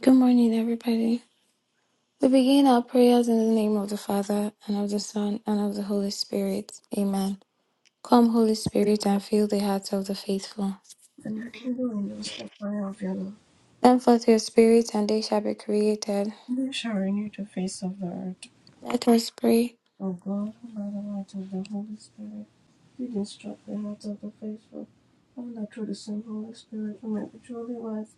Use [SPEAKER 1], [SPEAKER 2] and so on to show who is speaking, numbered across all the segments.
[SPEAKER 1] Good morning, everybody. We begin our prayers in the name of the Father, and of the Son, and of the Holy Spirit. Amen. Come, Holy Spirit, and fill the hearts of the faithful.
[SPEAKER 2] and into in us the fire of your love.
[SPEAKER 1] Send forth your Spirit, and they shall be created.
[SPEAKER 2] And you shall renew the face of the earth.
[SPEAKER 1] Let us pray.
[SPEAKER 2] O God, by the light of the Holy Spirit, you instruct the hearts of the faithful, and that through the same Holy Spirit we may be truly wise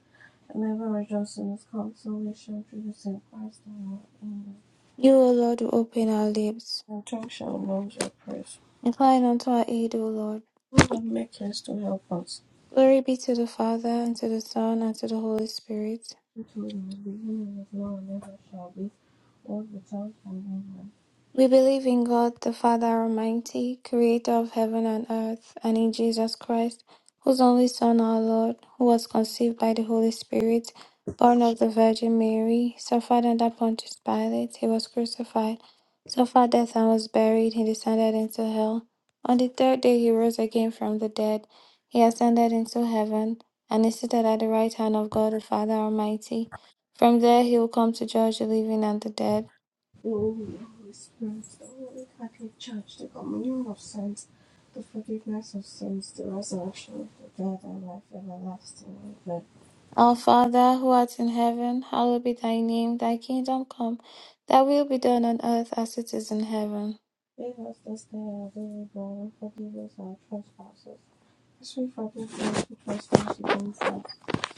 [SPEAKER 2] and ever rejoice in His consolation through the same Christ our Lord. Amen.
[SPEAKER 1] You, O Lord, will open our lips.
[SPEAKER 2] And tongue shall announce your praise.
[SPEAKER 1] Incline unto our aid, O Lord.
[SPEAKER 2] O Lord, make haste to help us.
[SPEAKER 1] Glory be to the Father, and to the Son, and to the Holy Spirit
[SPEAKER 2] It was in the beginning, is now, and ever shall be, world without end. Amen.
[SPEAKER 1] We believe in God the Father Almighty, creator of heaven and earth, and in Jesus Christ, whose only Son, our Lord, who was conceived by the Holy Spirit, born of the Virgin Mary, suffered under Pontius Pilate, he was crucified, suffered death and was buried, he descended into hell. On the third day he rose again from the dead, he ascended into heaven, and is seated at the right hand of God the Father Almighty. From there he will come to judge the living and the dead.
[SPEAKER 2] Lord, Holy Spirit, the Holy Catholic Church, the communion of saints, the forgiveness of sins, the resurrection of the dead, and life everlasting. Amen.
[SPEAKER 1] Our Father who art in heaven, hallowed be thy name, thy kingdom come, thy will be done on earth as it is in heaven.
[SPEAKER 2] Give us this day our daily bread, and forgive us our trespasses, as we forgive those who trespass against us.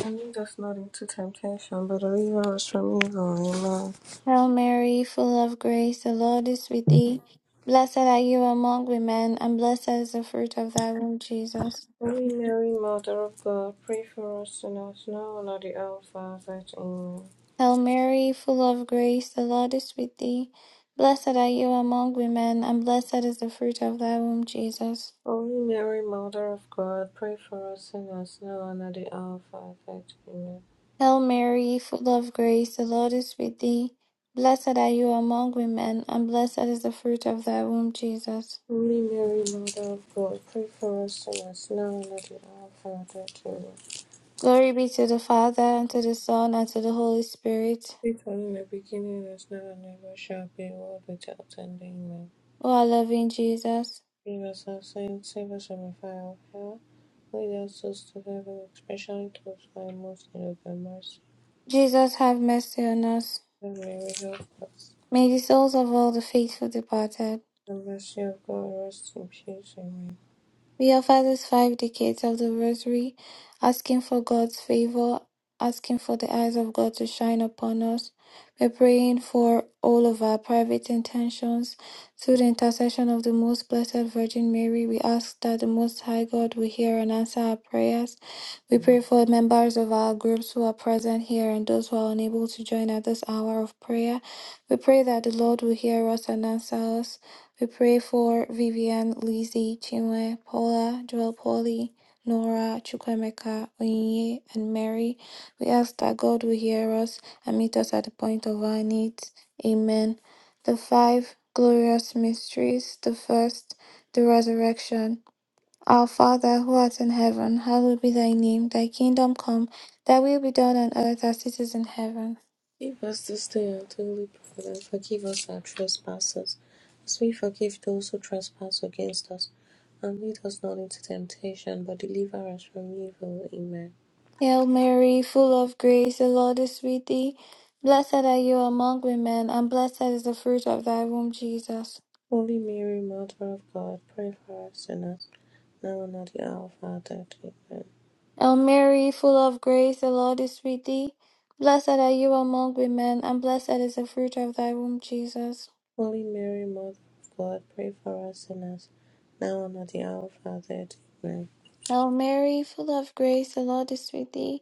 [SPEAKER 2] And lead us not into temptation, but deliver us from evil. Amen.
[SPEAKER 1] Hail Mary, full of grace, the Lord is with thee. Blessed are you among women, and blessed is the fruit of thy womb, Jesus.
[SPEAKER 2] Holy Mary, Mother of God, pray for us sinners, now and at the hour of our death. Amen.
[SPEAKER 1] Hail Mary, full of grace, the Lord is with thee. Blessed are you among women, and blessed is the fruit of thy womb, Jesus.
[SPEAKER 2] Holy Mary, Mother of God, pray for us sinners now and at the hour of our death. Amen.
[SPEAKER 1] Hail Mary, full of grace, the Lord is with thee. Blessed are you among women, and blessed is the fruit of thy womb, Jesus.
[SPEAKER 2] Holy Mary, Mother of God, pray for us sinners now and at the hour of our death. Amen.
[SPEAKER 1] Glory be to the Father, and to the Son, and to the Holy Spirit.
[SPEAKER 2] It was in the beginning, is now, and ever shall be, world without end. Amen.
[SPEAKER 1] O our loving Jesus.
[SPEAKER 2] Give us our sins, save us from the fire of hell. Lead us to heaven, especially those who are most in need of your mercy.
[SPEAKER 1] Jesus, have mercy on us.
[SPEAKER 2] Hail Mary, help us.
[SPEAKER 1] May the souls of all the faithful departed.
[SPEAKER 2] The mercy of God, rest in peace. Amen.
[SPEAKER 1] We offer these five decades of the Rosary, asking for God's favor, asking for the eyes of God to shine upon us. We're praying for all of our private intentions. Through the intercession of the Most Blessed Virgin Mary, we ask that the Most High God will hear and answer our prayers. We pray for members of our groups who are present here and those who are unable to join at this hour of prayer. We pray that the Lord will hear us and answer us. We pray for Vivian, Lizzie, Chinwe, Paula, Joel Polly, Nora, Chukwemeka, Oyinye, and Mary. We ask that God will hear us and meet us at the point of our needs. Amen. The five glorious mysteries. The first, the resurrection. Our Father who art in heaven, hallowed be thy name. Thy kingdom come, thy will be done on earth as it is in heaven.
[SPEAKER 2] Give us this day our daily bread, and forgive us our trespasses, as we forgive those who trespass against us. And lead us not into temptation, but deliver us from evil. Amen.
[SPEAKER 1] Hail Mary, full of grace, the Lord is with thee. Blessed are you among women, and blessed is the fruit of thy womb, Jesus.
[SPEAKER 2] Holy Mary, Mother of God, pray for us sinners, now and at the hour of our death. Amen.
[SPEAKER 1] Hail Mary, full of grace, the Lord is with thee. Blessed are you among women, and blessed is the fruit of thy womb, Jesus.
[SPEAKER 2] Holy Mary, Mother of God, pray for us sinners, now and at the hour of our death. Amen.
[SPEAKER 1] Hail Mary, full of grace, the Lord is with thee.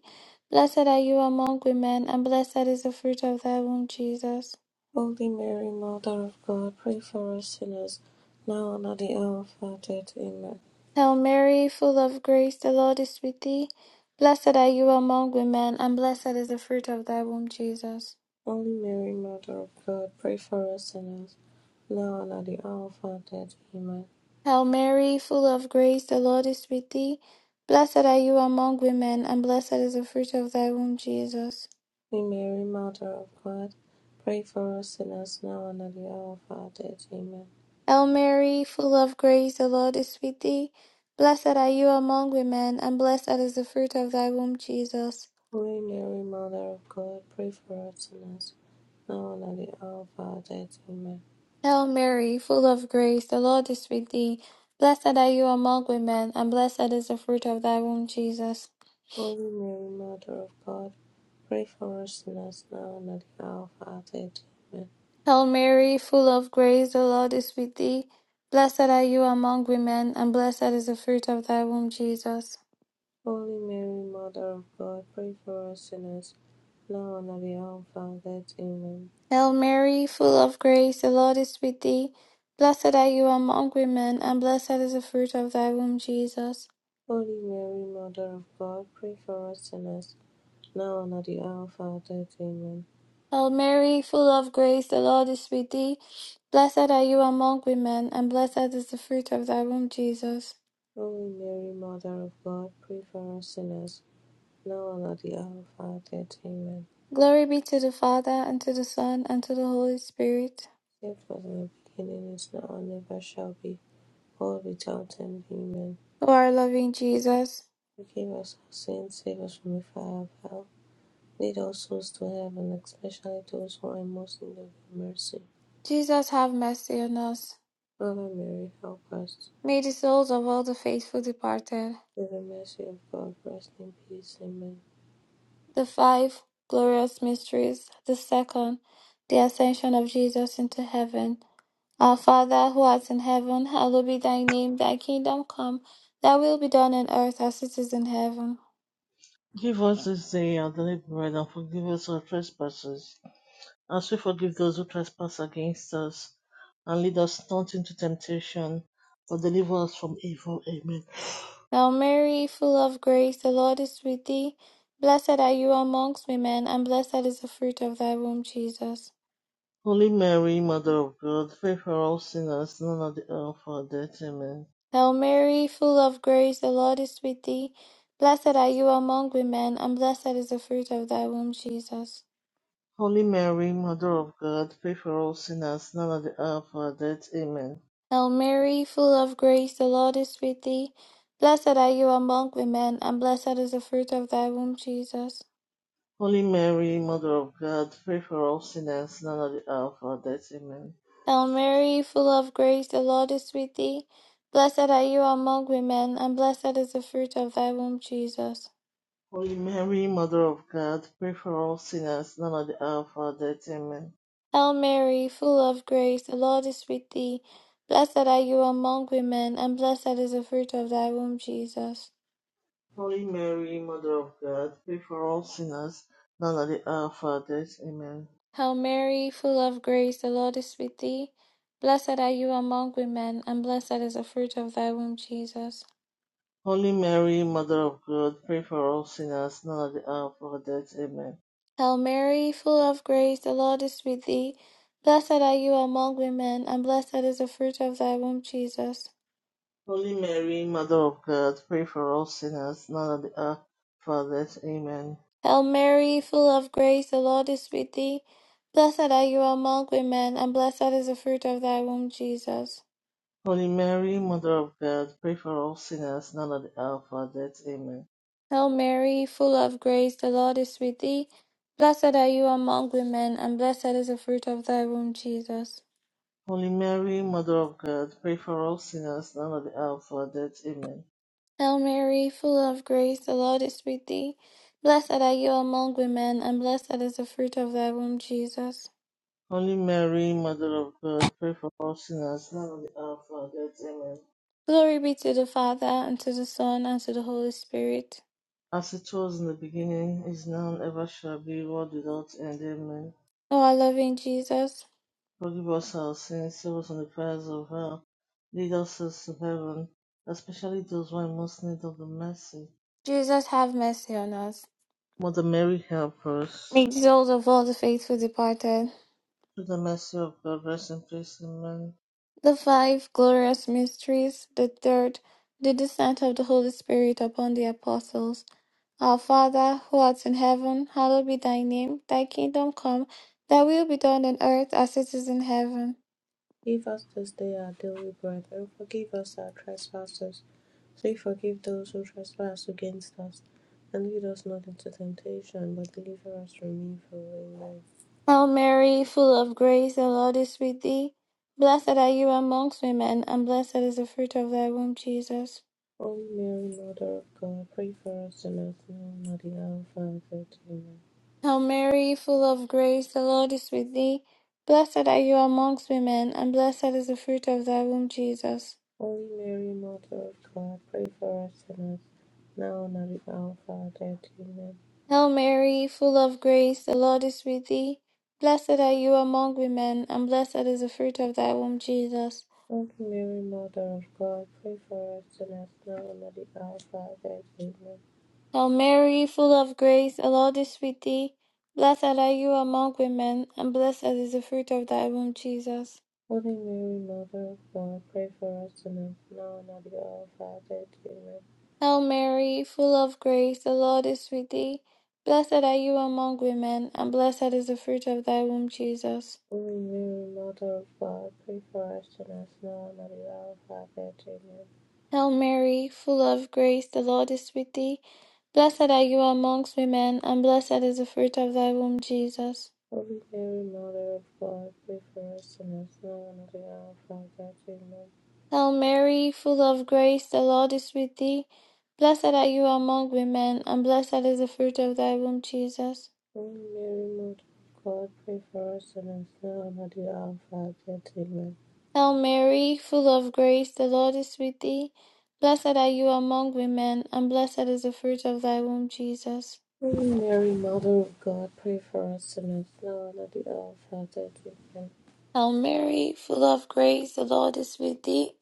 [SPEAKER 1] Blessed are you among women, and blessed is the fruit of thy womb, Jesus.
[SPEAKER 2] Holy Mary, Mother of God, pray for us sinners, now and at the hour of our death. Amen.
[SPEAKER 1] Hail Mary, full of grace, the Lord is with thee. Blessed are you among women, and blessed is the fruit of thy womb, Jesus.
[SPEAKER 2] Holy Mary, Mother of God, pray for us sinners, now and at the hour of our death. Amen.
[SPEAKER 1] Hail Mary, full of grace, the Lord is with thee. Blessed are you among women, and blessed is the fruit of thy womb, Jesus.
[SPEAKER 2] Holy Mary, Mother of God, pray for us sinners, now and at the hour of our death. Amen.
[SPEAKER 1] Hail Mary, full of grace, the Lord is with thee. Blessed are you among women, and blessed is the fruit of thy womb, Jesus.
[SPEAKER 2] Holy Mary, Mother of God, pray for us sinners, now and at the hour of our death. Amen.
[SPEAKER 1] Hail Mary, full of grace, the Lord is with thee. Blessed are you among women, and blessed is the fruit of thy womb, Jesus.
[SPEAKER 2] Holy Mary, Mother of God, pray for us sinners, now and at the hour of our death. Amen.
[SPEAKER 1] Hail Mary, full of grace, the Lord is with thee. Blessed are you among women, and blessed is the fruit of thy womb, Jesus.
[SPEAKER 2] Holy Mary, Mother of God, pray for us sinners, now and at the hour of our death. Amen.
[SPEAKER 1] Hail Mary, full of grace, the Lord is with thee. Blessed are you among women, and blessed is the fruit of thy womb, Jesus.
[SPEAKER 2] Holy Mary, Mother of God, pray for us sinners, now and at the hour of our death. Amen.
[SPEAKER 1] Hail Mary, full of grace, the Lord is with thee. Blessed are you among women, and blessed is the fruit of thy womb, Jesus.
[SPEAKER 2] Holy Mary, Mother of God, pray for us sinners, now and at the hour of our death. Amen.
[SPEAKER 1] Glory be to the Father, and to the Son, and to the Holy Spirit.
[SPEAKER 2] It was in the beginning, is now, and ever shall be, world without end. Amen.
[SPEAKER 1] O our loving Jesus.
[SPEAKER 2] Forgive us our sins, save us from the fire of hell. Lead all souls to heaven, especially those who are most in need of your mercy.
[SPEAKER 1] Jesus have mercy on us.
[SPEAKER 2] Mother Mary, help us.
[SPEAKER 1] May the souls of all the faithful departed.
[SPEAKER 2] Through the mercy of God, rest in peace. Amen.
[SPEAKER 1] The five glorious mysteries. The second, the ascension of Jesus into heaven. Our Father who art in heaven, hallowed be thy name, thy kingdom come, thy will be done on earth as it is in heaven.
[SPEAKER 3] Give us this day our daily bread, and forgive us our trespasses, as we forgive those who trespass against us. And lead us not into temptation, but deliver us from evil. Amen.
[SPEAKER 1] Now Mary, full of grace, the Lord is with thee. Blessed are you amongst women, and blessed is the fruit of thy womb, Jesus.
[SPEAKER 3] Holy Mary, Mother of God, pray for all sinners, now and at the hour of our death. Amen.
[SPEAKER 1] Hail Mary, full of grace, the Lord is with thee. Blessed are you among women, and blessed is the fruit of thy womb, Jesus.
[SPEAKER 3] Holy Mary, Mother of God, pray for all sinners, now and at the hour of our death. Amen.
[SPEAKER 1] Hail Mary, full of grace, the Lord is with thee. Blessed are you among women, and blessed is the fruit of thy womb, Jesus.
[SPEAKER 3] Holy Mary, Mother of God, pray for all sinners, now and at the hour of our death. Amen.
[SPEAKER 1] Hail Mary, full of grace, the Lord is with thee. Blessed are you among women, and blessed is the fruit of thy womb, Jesus.
[SPEAKER 3] Holy Mary, Mother of God, pray for all sinners, now and at the hour of our death. Amen.
[SPEAKER 1] Hail Mary, full of grace, the Lord is with thee. Blessed are you among women, and blessed is the fruit of thy womb, Jesus.
[SPEAKER 3] Holy Mary, Mother of God, pray for all sinners, now and at the hour of our death. Amen.
[SPEAKER 1] Hail Mary, full of grace, the Lord is with thee. Blessed are you among women, and blessed is the fruit of thy womb, Jesus.
[SPEAKER 3] Holy Mary, Mother of God, pray for all sinners, now and at the hour of our death. Amen.
[SPEAKER 1] Hail Mary, full of grace, the Lord is with thee. Blessed are you among women, and blessed is the fruit of thy womb, Jesus.
[SPEAKER 3] Holy Mary, Mother of God, pray for all sinners, now and at the hour of our death. Amen.
[SPEAKER 1] Hail Mary, full of grace, the Lord is with thee. Blessed are you among women, and blessed is the fruit of thy womb, Jesus.
[SPEAKER 3] Holy Mary, Mother of God, pray for all sinners, now and at the hour of our death. Amen.
[SPEAKER 1] Hail Mary, full of grace, the Lord is with thee. Blessed are you among women, and blessed is the fruit of thy womb, Jesus.
[SPEAKER 3] Holy Mary, Mother of God, pray for all sinners now at the hour of our death. Amen.
[SPEAKER 1] Hail Mary, full of grace, the Lord is with thee. Blessed are you among women, and blessed is the fruit of thy womb, Jesus.
[SPEAKER 3] Holy Mary, Mother of God, pray for all sinners now at the hour of our death. Amen.
[SPEAKER 1] Glory be to the Father, and to the Son, and to the Holy Spirit.
[SPEAKER 3] As it was in the beginning, is now, and ever shall be, world without end. Amen.
[SPEAKER 1] O our loving Jesus.
[SPEAKER 3] Forgive us our sins, save us from the fires of hell, lead us to heaven, especially those who are in most need of the mercy.
[SPEAKER 1] Jesus have mercy on us.
[SPEAKER 3] Mother Mary, help us.
[SPEAKER 1] May the souls of all the faithful departed.
[SPEAKER 3] Through the mercy of God, rest in peace. Amen.
[SPEAKER 1] The five glorious mysteries. The third, the descent of the Holy Spirit upon the apostles. Our Father, who art in heaven, hallowed be thy name. Thy kingdom come, thy will be done on earth as it is in heaven.
[SPEAKER 2] Give us this day our daily bread, and forgive us our trespasses, as we forgive those who trespass against us. And lead us not into temptation, but deliver us from evil. Amen.
[SPEAKER 1] Hail Mary, full of grace, the Lord is with thee. Blessed are you amongst women, and blessed is the fruit of thy womb, Jesus.
[SPEAKER 2] O Mary, Mother of God, pray for us sinners now and at the hour of our death. Amen.
[SPEAKER 1] Hail Mary, full of grace, the Lord is with thee. Blessed are you amongst women, and blessed is the fruit of thy womb, Jesus.
[SPEAKER 2] Holy Mary, Mother of God, pray for us sinners now and at the hour of our death. Amen.
[SPEAKER 1] Hail Mary, full of grace, the Lord is with thee. Blessed are you among women, and blessed is the fruit of thy womb, Jesus.
[SPEAKER 2] Holy Mary, Mother of God, pray for us sinners now and at the hour of our death. Amen.
[SPEAKER 1] Hail Mary, full of grace, the Lord is with thee. Blessed are you among women, and blessed is the fruit of thy womb, Jesus.
[SPEAKER 2] Holy Mary, Mother of God, pray for us sinners, now and at the hour of our death. Amen.
[SPEAKER 1] Hail Mary, full of grace, the Lord is with thee. Blessed are you among women, and blessed is the fruit of thy womb, Jesus.
[SPEAKER 2] Holy Mary, Mother of God, pray for us sinners, now and at the hour of our death. Amen.
[SPEAKER 1] Hail Mary, full of grace, the Lord is with thee. Blessed are you amongst women, and blessed is the fruit of thy womb, Jesus.
[SPEAKER 2] Holy Mary, Mother of God, pray for us sinners, now and at the hour of our death. Amen.
[SPEAKER 1] Hail Mary, full of grace, the Lord is with thee. Blessed are you among women, and blessed is the fruit of thy womb, Jesus.
[SPEAKER 2] Holy Mary, Mother of God, pray for us sinners, now and at the hour of our death. Amen.
[SPEAKER 1] Hail Mary, full of grace, the Lord is with thee. Blessed are you among women, and blessed is the fruit of thy womb, Jesus.
[SPEAKER 2] Holy Mary, Mother of God, pray for us sinners, now and at the hour of our death. Amen.
[SPEAKER 1] Hail Mary, full of grace, the Lord is with thee.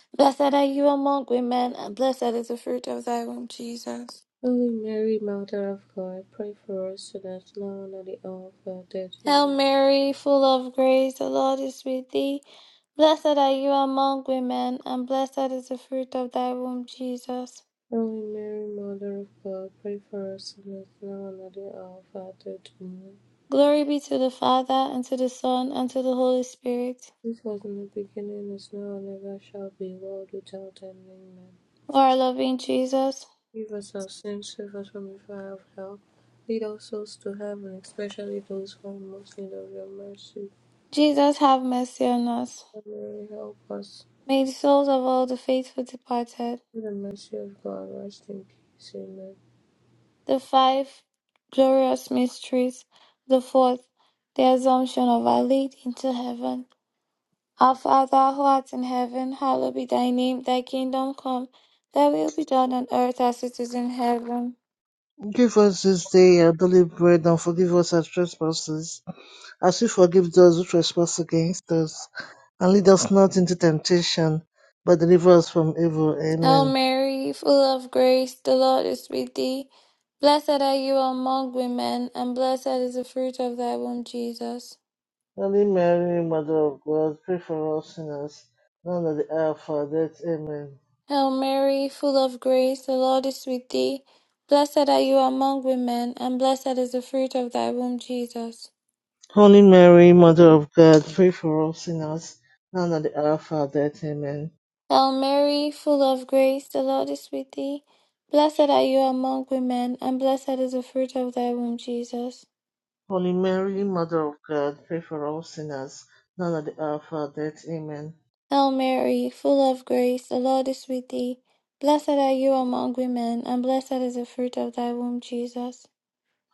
[SPEAKER 1] Blessed are you among women, and blessed is the fruit of thy womb, Jesus.
[SPEAKER 2] Holy Mary, Mother of God, pray for us sinners now and at the hour of our death.
[SPEAKER 1] Hail
[SPEAKER 2] Amen.
[SPEAKER 1] Mary, full of grace, the Lord is with thee. Blessed are you among women, and blessed is the fruit of thy womb, Jesus.
[SPEAKER 2] Holy Mary, Mother of God, pray for us sinners now and at the hour of our death. Amen.
[SPEAKER 1] Glory be to the Father, and to the Son, and to the Holy Spirit.
[SPEAKER 2] This was in the beginning, is now, and ever shall be, world without end. Amen.
[SPEAKER 1] O our loving Jesus.
[SPEAKER 2] Give us our sins, save us from the fire of hell. Lead our souls to heaven, especially those who are in most in need of your mercy.
[SPEAKER 1] Jesus have mercy on us.
[SPEAKER 2] Lord Mary, help us.
[SPEAKER 1] May the souls of all the faithful departed,
[SPEAKER 2] Through the mercy of God, rest in peace. Amen.
[SPEAKER 1] the five glorious mysteries, the fourth, the assumption of our Lady into heaven. Our Father who art in heaven, hallowed be thy name, thy kingdom come, thy will be done on earth as it is in heaven.
[SPEAKER 3] Give us this day our daily bread, and forgive us our trespasses, as we forgive those who trespass against us. And lead us not into temptation, but deliver us from evil.
[SPEAKER 1] Hail
[SPEAKER 3] Amen.
[SPEAKER 1] Mary, full of grace, the Lord is with thee. Blessed are you among women, and blessed is the fruit of thy womb, Jesus.
[SPEAKER 3] Holy Mary, Mother of God, pray for us sinners, now and at the hour of our death. Amen.
[SPEAKER 1] Hail Mary, full of grace, the Lord is with thee. Blessed are you among women, and blessed is the fruit of thy womb, Jesus.
[SPEAKER 3] Holy Mary, Mother of God, pray for us sinners, now and at the hour of our death. Amen.
[SPEAKER 1] Hail Mary, full of grace, the Lord is with thee. Blessed are you among women, and blessed is the fruit of thy womb, Jesus.
[SPEAKER 3] Holy Mary, Mother of God, pray for us sinners, now and at the hour of our death. Amen.
[SPEAKER 1] Hail Mary, full of grace, the Lord is with thee. Blessed are you among women, and blessed is the fruit of thy womb, Jesus.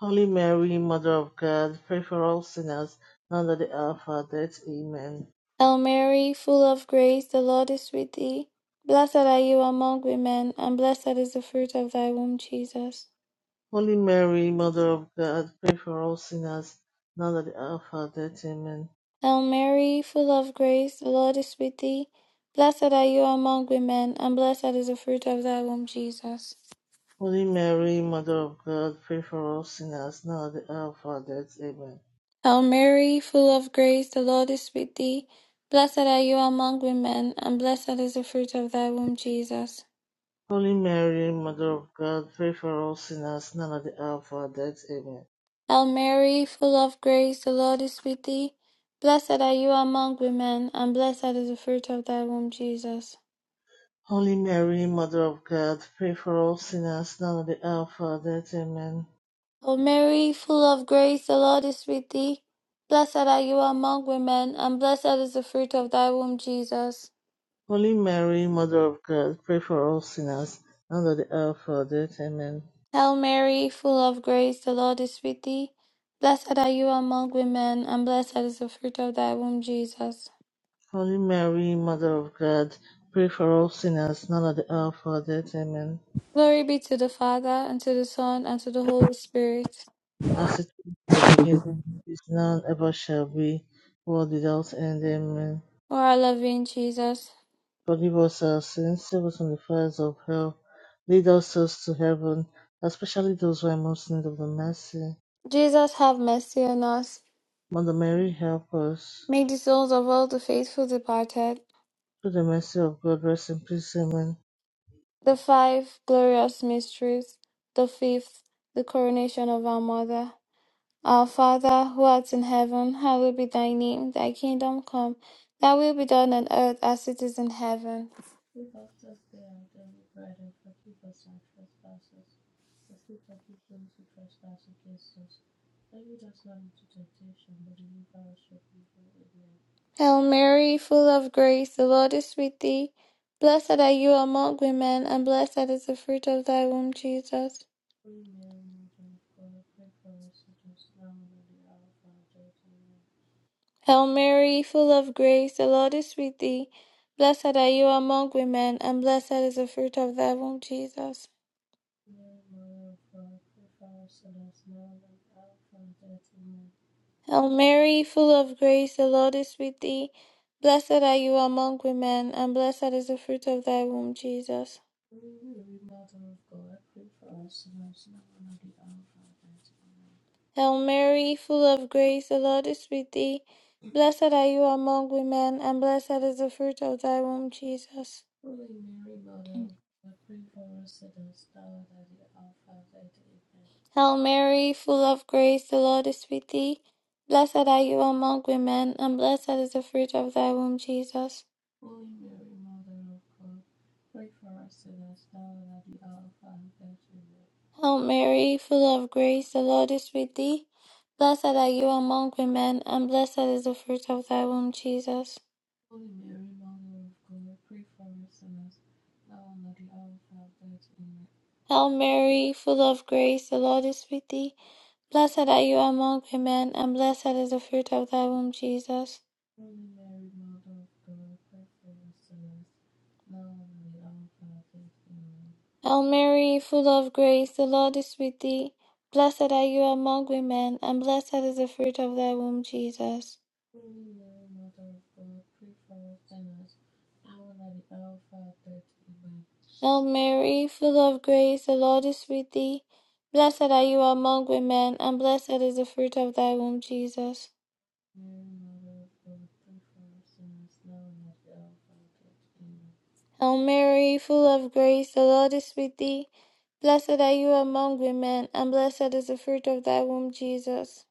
[SPEAKER 3] Holy Mary, Mother of God, pray for all sinners, now and at the hour of our death. Amen.
[SPEAKER 1] Hail Mary, full of grace, the Lord is with thee. Blessed are you among women, and blessed is the fruit of thy womb, Jesus.
[SPEAKER 3] Holy Mary, Mother of God, pray for all sinners, now and at the hour of our death. Amen.
[SPEAKER 1] Hail Mary, full of grace, the Lord is with thee. Blessed are you among women, and blessed is the fruit of thy womb, Jesus.
[SPEAKER 3] Holy Mary, Mother of God, pray for all sinners, now and at the hour of our death. Amen.
[SPEAKER 1] Hail Mary, full of grace, the Lord is with thee. Blessed are you among women, and blessed is the fruit of thy womb, Jesus.
[SPEAKER 3] Holy Mary, Mother of God, pray for all sinners, now at the hour of our death. Amen.
[SPEAKER 1] Hail Mary, full of grace, the Lord is with thee. Blessed are you among women, and blessed is the fruit of thy womb, Jesus.
[SPEAKER 3] Holy Mary, Mother of God, pray for all sinners, now and at the hour of our death. Amen.
[SPEAKER 1] Hail Mary, full of grace, the Lord is with thee. Blessed are you among women, and blessed is the fruit of thy womb, Jesus.
[SPEAKER 3] Holy Mary, Mother of God, pray for all sinners, now at the hour of our death. Amen.
[SPEAKER 1] Hail Mary, full of grace, the Lord is with thee. Blessed are you among women, and blessed is the fruit of thy womb, Jesus.
[SPEAKER 3] Holy Mary, Mother of God, pray for all sinners, now at the hour of our death. Amen.
[SPEAKER 1] Glory be to the Father, and to the Son, and to the Holy Spirit.
[SPEAKER 3] As it was in the beginning, is now, and ever shall be, world without end. Amen.
[SPEAKER 1] O our loving Jesus.
[SPEAKER 3] Forgive us our sins, save us from the fires of hell, lead us souls to heaven, especially those who are most in need of the mercy.
[SPEAKER 1] Jesus have mercy on us.
[SPEAKER 3] Mother Mary, help us.
[SPEAKER 1] Make the souls of all the faithful departed.
[SPEAKER 3] Through the mercy of God, rest in peace. Amen.
[SPEAKER 1] The five glorious mysteries. The fifth, the coronation of our mother. Our Father, who art in heaven, hallowed be thy name. Thy kingdom come. Thy will be done on earth as it is in heaven.
[SPEAKER 2] Keep us this day our daily bread, and forgive us our trespasses, as we forgive those who trespass against us. And lead us not into temptation, but deliver us from evil. Amen.
[SPEAKER 1] Hail Mary, full of grace, the Lord is with thee. Blessed are you among women, and blessed is the fruit of thy womb, Jesus.
[SPEAKER 2] Holy Mary, Mother of God, pray for us sinners now and at the hour of our death.
[SPEAKER 1] Hail Mary, full of grace, the Lord is with thee. Blessed are you among women, and blessed is the fruit of thy womb, Jesus.
[SPEAKER 2] Mother of God, pray for us sinners now and at the hour of our death. Amen.
[SPEAKER 1] Hail Mary, full of grace, the Lord is with thee. Blessed are you among women, and blessed is the fruit of thy womb, Jesus.
[SPEAKER 2] Holy Mary, Mother of God, pray for us sinners now and at the hour of our death.
[SPEAKER 1] Hail Mary, full of grace, the Lord is with thee. Blessed are you among women, and blessed is the fruit of thy womb, Jesus.
[SPEAKER 2] Holy Mary, Mother of God, pray for us sinners now and at the hour of our death. Amen.
[SPEAKER 1] Hail Mary, full of grace, the Lord is with thee. Blessed are you among women, and blessed is the fruit of thy womb, Jesus.
[SPEAKER 2] Holy Mary, Mother of God, pray for us sinners now and at the hour of our death. Amen.
[SPEAKER 1] Hail Mary, full of grace, the Lord is with thee. Blessed are you among women, and blessed is the fruit of thy womb, Jesus.
[SPEAKER 2] Holy Mary, Mother of God, pray for us sinners now and at the hour of our death. Amen.
[SPEAKER 1] Hail Mary, full of grace, the Lord is with thee. Blessed are you among women, and blessed is the fruit of thy womb, Jesus.
[SPEAKER 2] Holy Mary, Mother of God, pray for us sinners now and at the hour of our death. Amen.
[SPEAKER 1] Hail Mary, full of grace, the Lord is with thee. Blessed are you among women, and blessed is the fruit of thy womb, Jesus.
[SPEAKER 2] Holy Mary, Mother of God, pray for us sinners now and at the hour of our death. Amen.
[SPEAKER 1] Hail Mary, full of grace, the Lord is with thee. Blessed are you among women, and blessed is the fruit of thy womb, Jesus.
[SPEAKER 2] Mary, Mother of God, pray for us sinners now and at the hour of our death. Amen.
[SPEAKER 1] Hail Mary, full of grace, the Lord is with thee. Blessed are you among women, and blessed is the fruit of thy womb, Jesus.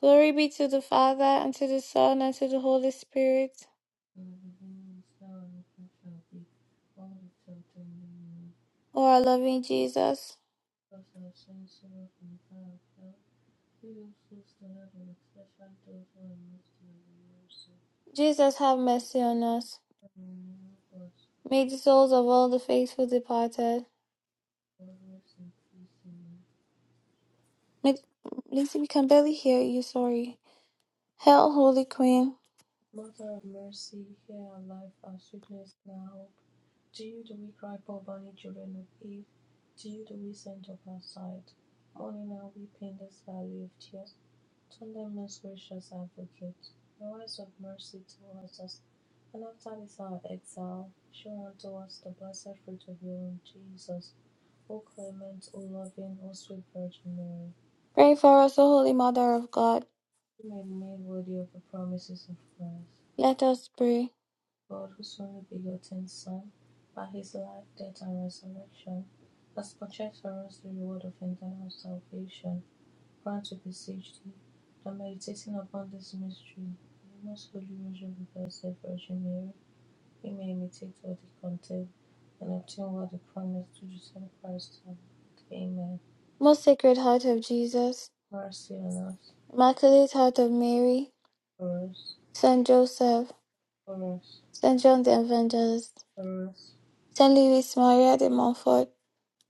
[SPEAKER 1] Glory be to the Father, and to the Son, and to the Holy Spirit,
[SPEAKER 2] Now and at the hour of our death. Only something
[SPEAKER 1] O our loving Jesus.
[SPEAKER 2] processing of health. Legal system evidence that factors were mystery.
[SPEAKER 1] Jesus have mercy on us. May the souls of all the faithful departed. May, Lizzie, we can barely hear you, sorry. Hail, Holy Queen.
[SPEAKER 2] Mother of mercy, hear our life, our sweetness, and our hope. To you do we cry, poor bonny children of Eve. To you do we send up our sight. Mourning now we paint this valley of tears. Turn them most gracious advocate. Your eyes of mercy towards us. And after this our exile, show unto us the blessed fruit of your own Jesus. O clement, O loving, O sweet Virgin Mary,
[SPEAKER 1] Pray for us, O Holy Mother of God.
[SPEAKER 2] who made me worthy of the promises of Christ.
[SPEAKER 1] Let us pray.
[SPEAKER 2] God, whose only begotten Son, by his life, death, and resurrection, has purchased for us the reward of eternal salvation, grant, we beseech thee, that meditating upon this mystery, the most holy Rosary of the Blessed Virgin Mary, we may imitate what it contains and obtain what it promised to Jesus Christ. Amen.
[SPEAKER 1] Most Sacred Heart of Jesus,
[SPEAKER 2] Mercy on us,
[SPEAKER 1] Immaculate Heart of Mary,
[SPEAKER 2] for us,
[SPEAKER 1] Saint Joseph,
[SPEAKER 2] for us.
[SPEAKER 1] Saint John the Evangelist,
[SPEAKER 2] for us,
[SPEAKER 1] Saint Louis Maria de Montfort,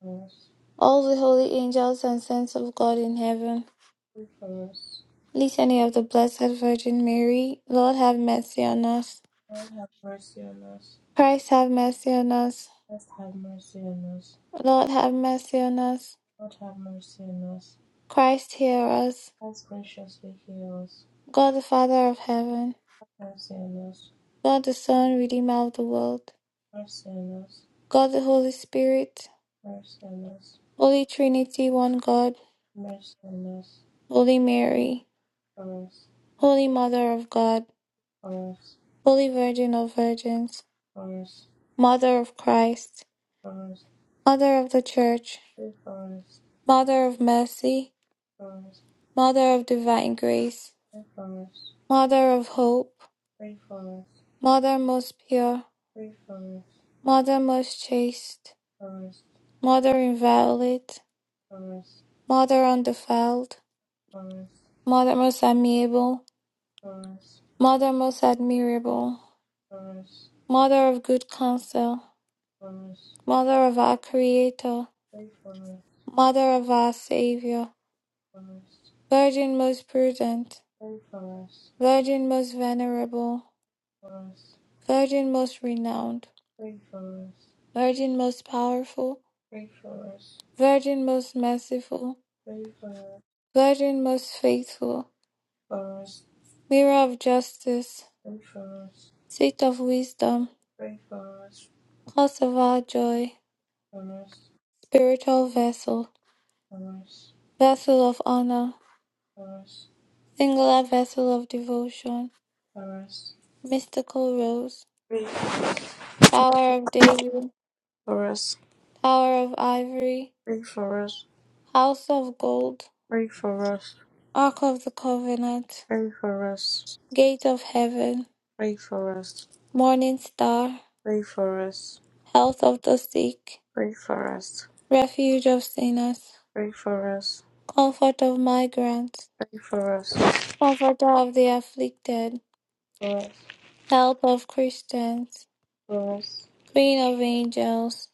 [SPEAKER 2] for us,
[SPEAKER 1] all the holy angels and saints of God in heaven.
[SPEAKER 2] pray for us.
[SPEAKER 1] Litany of the Blessed Virgin Mary, Lord have mercy on us.
[SPEAKER 2] Lord have mercy on us.
[SPEAKER 1] Christ have mercy on us.
[SPEAKER 2] Christ have mercy on us.
[SPEAKER 1] Lord have mercy on us.
[SPEAKER 2] Lord have mercy on us.
[SPEAKER 1] Christ hear us.
[SPEAKER 2] Christ graciously heal us.
[SPEAKER 1] God the Father of heaven.
[SPEAKER 2] Mercy on us.
[SPEAKER 1] God the Son, Redeemer of the world.
[SPEAKER 2] Mercy on us.
[SPEAKER 1] God the Holy Spirit.
[SPEAKER 2] Mercy on us.
[SPEAKER 1] Holy Trinity, one God.
[SPEAKER 2] Mercy on us.
[SPEAKER 1] Holy Mary.
[SPEAKER 2] For us,
[SPEAKER 1] Holy Mother of God. Holy Virgin of Virgins.
[SPEAKER 2] for us,
[SPEAKER 1] Mother of Christ.
[SPEAKER 2] for us, for us.
[SPEAKER 1] Mother of the Church.
[SPEAKER 2] Pray for us,
[SPEAKER 1] Mother of mercy.
[SPEAKER 2] for us,
[SPEAKER 1] Mother of divine grace.
[SPEAKER 2] pray for us.
[SPEAKER 1] Mother of hope.
[SPEAKER 2] Pray for
[SPEAKER 1] Mother most pure.
[SPEAKER 2] us, pray
[SPEAKER 1] Mother most chaste.
[SPEAKER 2] for us,
[SPEAKER 1] Mother inviolate,
[SPEAKER 2] for us,
[SPEAKER 1] Mother undefiled,
[SPEAKER 2] for us,
[SPEAKER 1] Mother most amiable,
[SPEAKER 2] for us,
[SPEAKER 1] Mother most admirable,
[SPEAKER 2] for us, for us,
[SPEAKER 1] Mother of good counsel,
[SPEAKER 2] for us.
[SPEAKER 1] Mother of our Creator,
[SPEAKER 2] Pray for us,
[SPEAKER 1] Mother of our Savior,
[SPEAKER 2] for us.
[SPEAKER 1] Virgin most prudent,
[SPEAKER 2] Pray for us,
[SPEAKER 1] Virgin most venerable,
[SPEAKER 2] for us,
[SPEAKER 1] Virgin most renowned,
[SPEAKER 2] pray for us,
[SPEAKER 1] Virgin most powerful,
[SPEAKER 2] pray for us,
[SPEAKER 1] Virgin most merciful,
[SPEAKER 2] pray for
[SPEAKER 1] Virgin most faithful,
[SPEAKER 2] for us,
[SPEAKER 1] Mirror of justice,
[SPEAKER 2] pray for us,
[SPEAKER 1] Seat of wisdom,
[SPEAKER 2] pray for us,
[SPEAKER 1] Cause of our joy,
[SPEAKER 2] for us,
[SPEAKER 1] Spiritual vessel,
[SPEAKER 2] for us,
[SPEAKER 1] vessel of honor,
[SPEAKER 2] for us,
[SPEAKER 1] singular vessel of devotion,
[SPEAKER 2] for us,
[SPEAKER 1] mystical rose,
[SPEAKER 2] pray
[SPEAKER 1] tower of David,
[SPEAKER 2] for us,
[SPEAKER 1] tower of ivory,
[SPEAKER 2] pray for us,
[SPEAKER 1] house of gold,
[SPEAKER 2] pray for us,
[SPEAKER 1] ark of the covenant,
[SPEAKER 2] pray for us,
[SPEAKER 1] gate of heaven,
[SPEAKER 2] pray for us,
[SPEAKER 1] morning star,
[SPEAKER 2] pray for us,
[SPEAKER 1] health of the sick,
[SPEAKER 2] pray for us,
[SPEAKER 1] refuge of sinners,
[SPEAKER 2] pray for us,
[SPEAKER 1] comfort of migrants,
[SPEAKER 2] pray for us, for us, for us, for us,
[SPEAKER 1] comforter of the afflicted,
[SPEAKER 2] pray
[SPEAKER 1] help of Christians, queen of angels,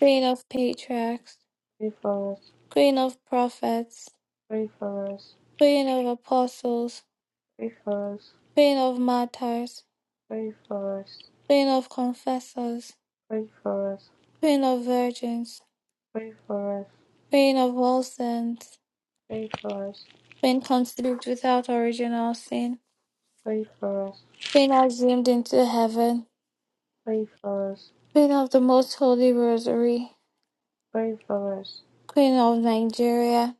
[SPEAKER 1] queen of patriarchs,
[SPEAKER 2] for us,
[SPEAKER 1] Queen of Prophets,
[SPEAKER 2] pray for us,
[SPEAKER 1] Queen of Apostles,
[SPEAKER 2] pray for us,
[SPEAKER 1] Queen of Martyrs,
[SPEAKER 2] pray for us,
[SPEAKER 1] Queen of Confessors,
[SPEAKER 2] pray for us.
[SPEAKER 1] Queen of Virgins,
[SPEAKER 2] Pray for us,
[SPEAKER 1] Queen of all saints,
[SPEAKER 2] pray for us,
[SPEAKER 1] Queen conceived without original sin,
[SPEAKER 2] pray for us,
[SPEAKER 1] Queen assumed into heaven,
[SPEAKER 2] pray for us,
[SPEAKER 1] Queen of the Most Holy Rosary,
[SPEAKER 2] pray for us,
[SPEAKER 1] Queen of Nigeria,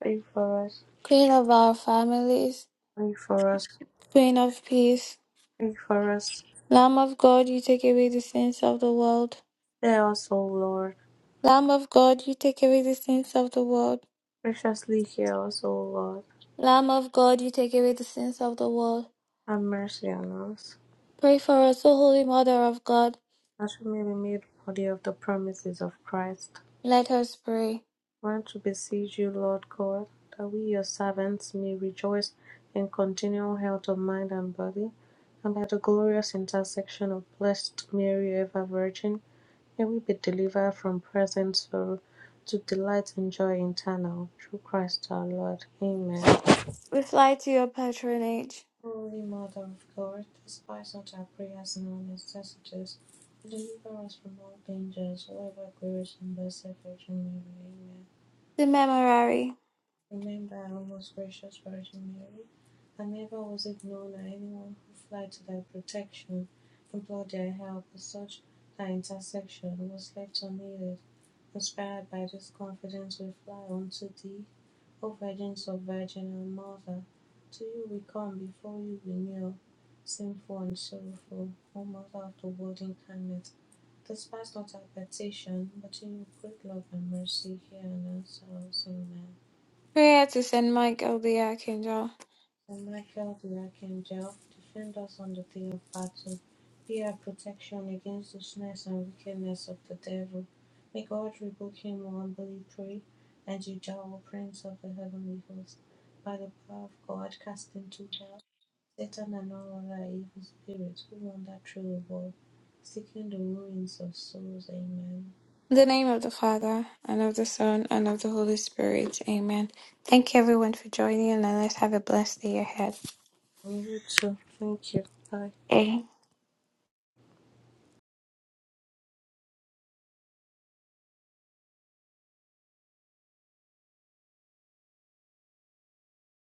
[SPEAKER 2] pray for us,
[SPEAKER 1] Queen of our families,
[SPEAKER 2] pray for us,
[SPEAKER 1] Queen of Peace,
[SPEAKER 2] pray for us.
[SPEAKER 1] Lamb of God, you take away the sins of the world.
[SPEAKER 2] Hear us, O Lord.
[SPEAKER 1] Lamb of God, you take away the sins of the world.
[SPEAKER 2] Graciously hear us, O Lord.
[SPEAKER 1] Lamb of God, you take away the sins of the world.
[SPEAKER 2] Have mercy on us,
[SPEAKER 1] Pray for us, O Holy Mother of God.
[SPEAKER 2] that we may be made worthy of the promises of Christ.
[SPEAKER 1] Let us pray.
[SPEAKER 2] we Want to beseech you, Lord God, that we, your servants, may rejoice in continual health of mind and body, and by the glorious intercession of Blessed Mary, ever Virgin May we be delivered from present sorrow to delight and joy eternal through Christ our Lord. Amen.
[SPEAKER 1] We fly to your patronage.
[SPEAKER 2] Holy Mother of God, despise not our prayers and our necessities, but deliver us from all dangers, O ever glorious and blessed Virgin Mary. Amen.
[SPEAKER 1] The Memorare.
[SPEAKER 2] Remember our most gracious Virgin Mary, and never was it known that anyone who fled to thy protection, implored thy help, or such thy intercession was left unaided. Inspired by this confidence, we fly unto thee, O Virgins of Virgin and Mother. To you we come, before you we kneel, sinful and sorrowful, O Mother of the Word incarnate. Despise not our petition, but in your great love and mercy hear and answer us. Amen.
[SPEAKER 1] Prayer to Saint Michael the Archangel.
[SPEAKER 2] Saint Michael the Archangel, defend us on the day of battle. Be our protection against the snares and wickedness of the devil. May God rebuke him, we humbly pray. And you, Jehovah, Prince of the heavenly host, by the power of God, cast into hell Satan and all other evil spirits who wander through the world, seeking the ruins of souls. Amen.
[SPEAKER 1] In the name of the Father, and of the Son, and of the Holy Spirit. Amen. Thank you everyone for joining, and let's have a blessed day ahead.
[SPEAKER 2] Me too. Thank you. Bye.
[SPEAKER 1] Amen.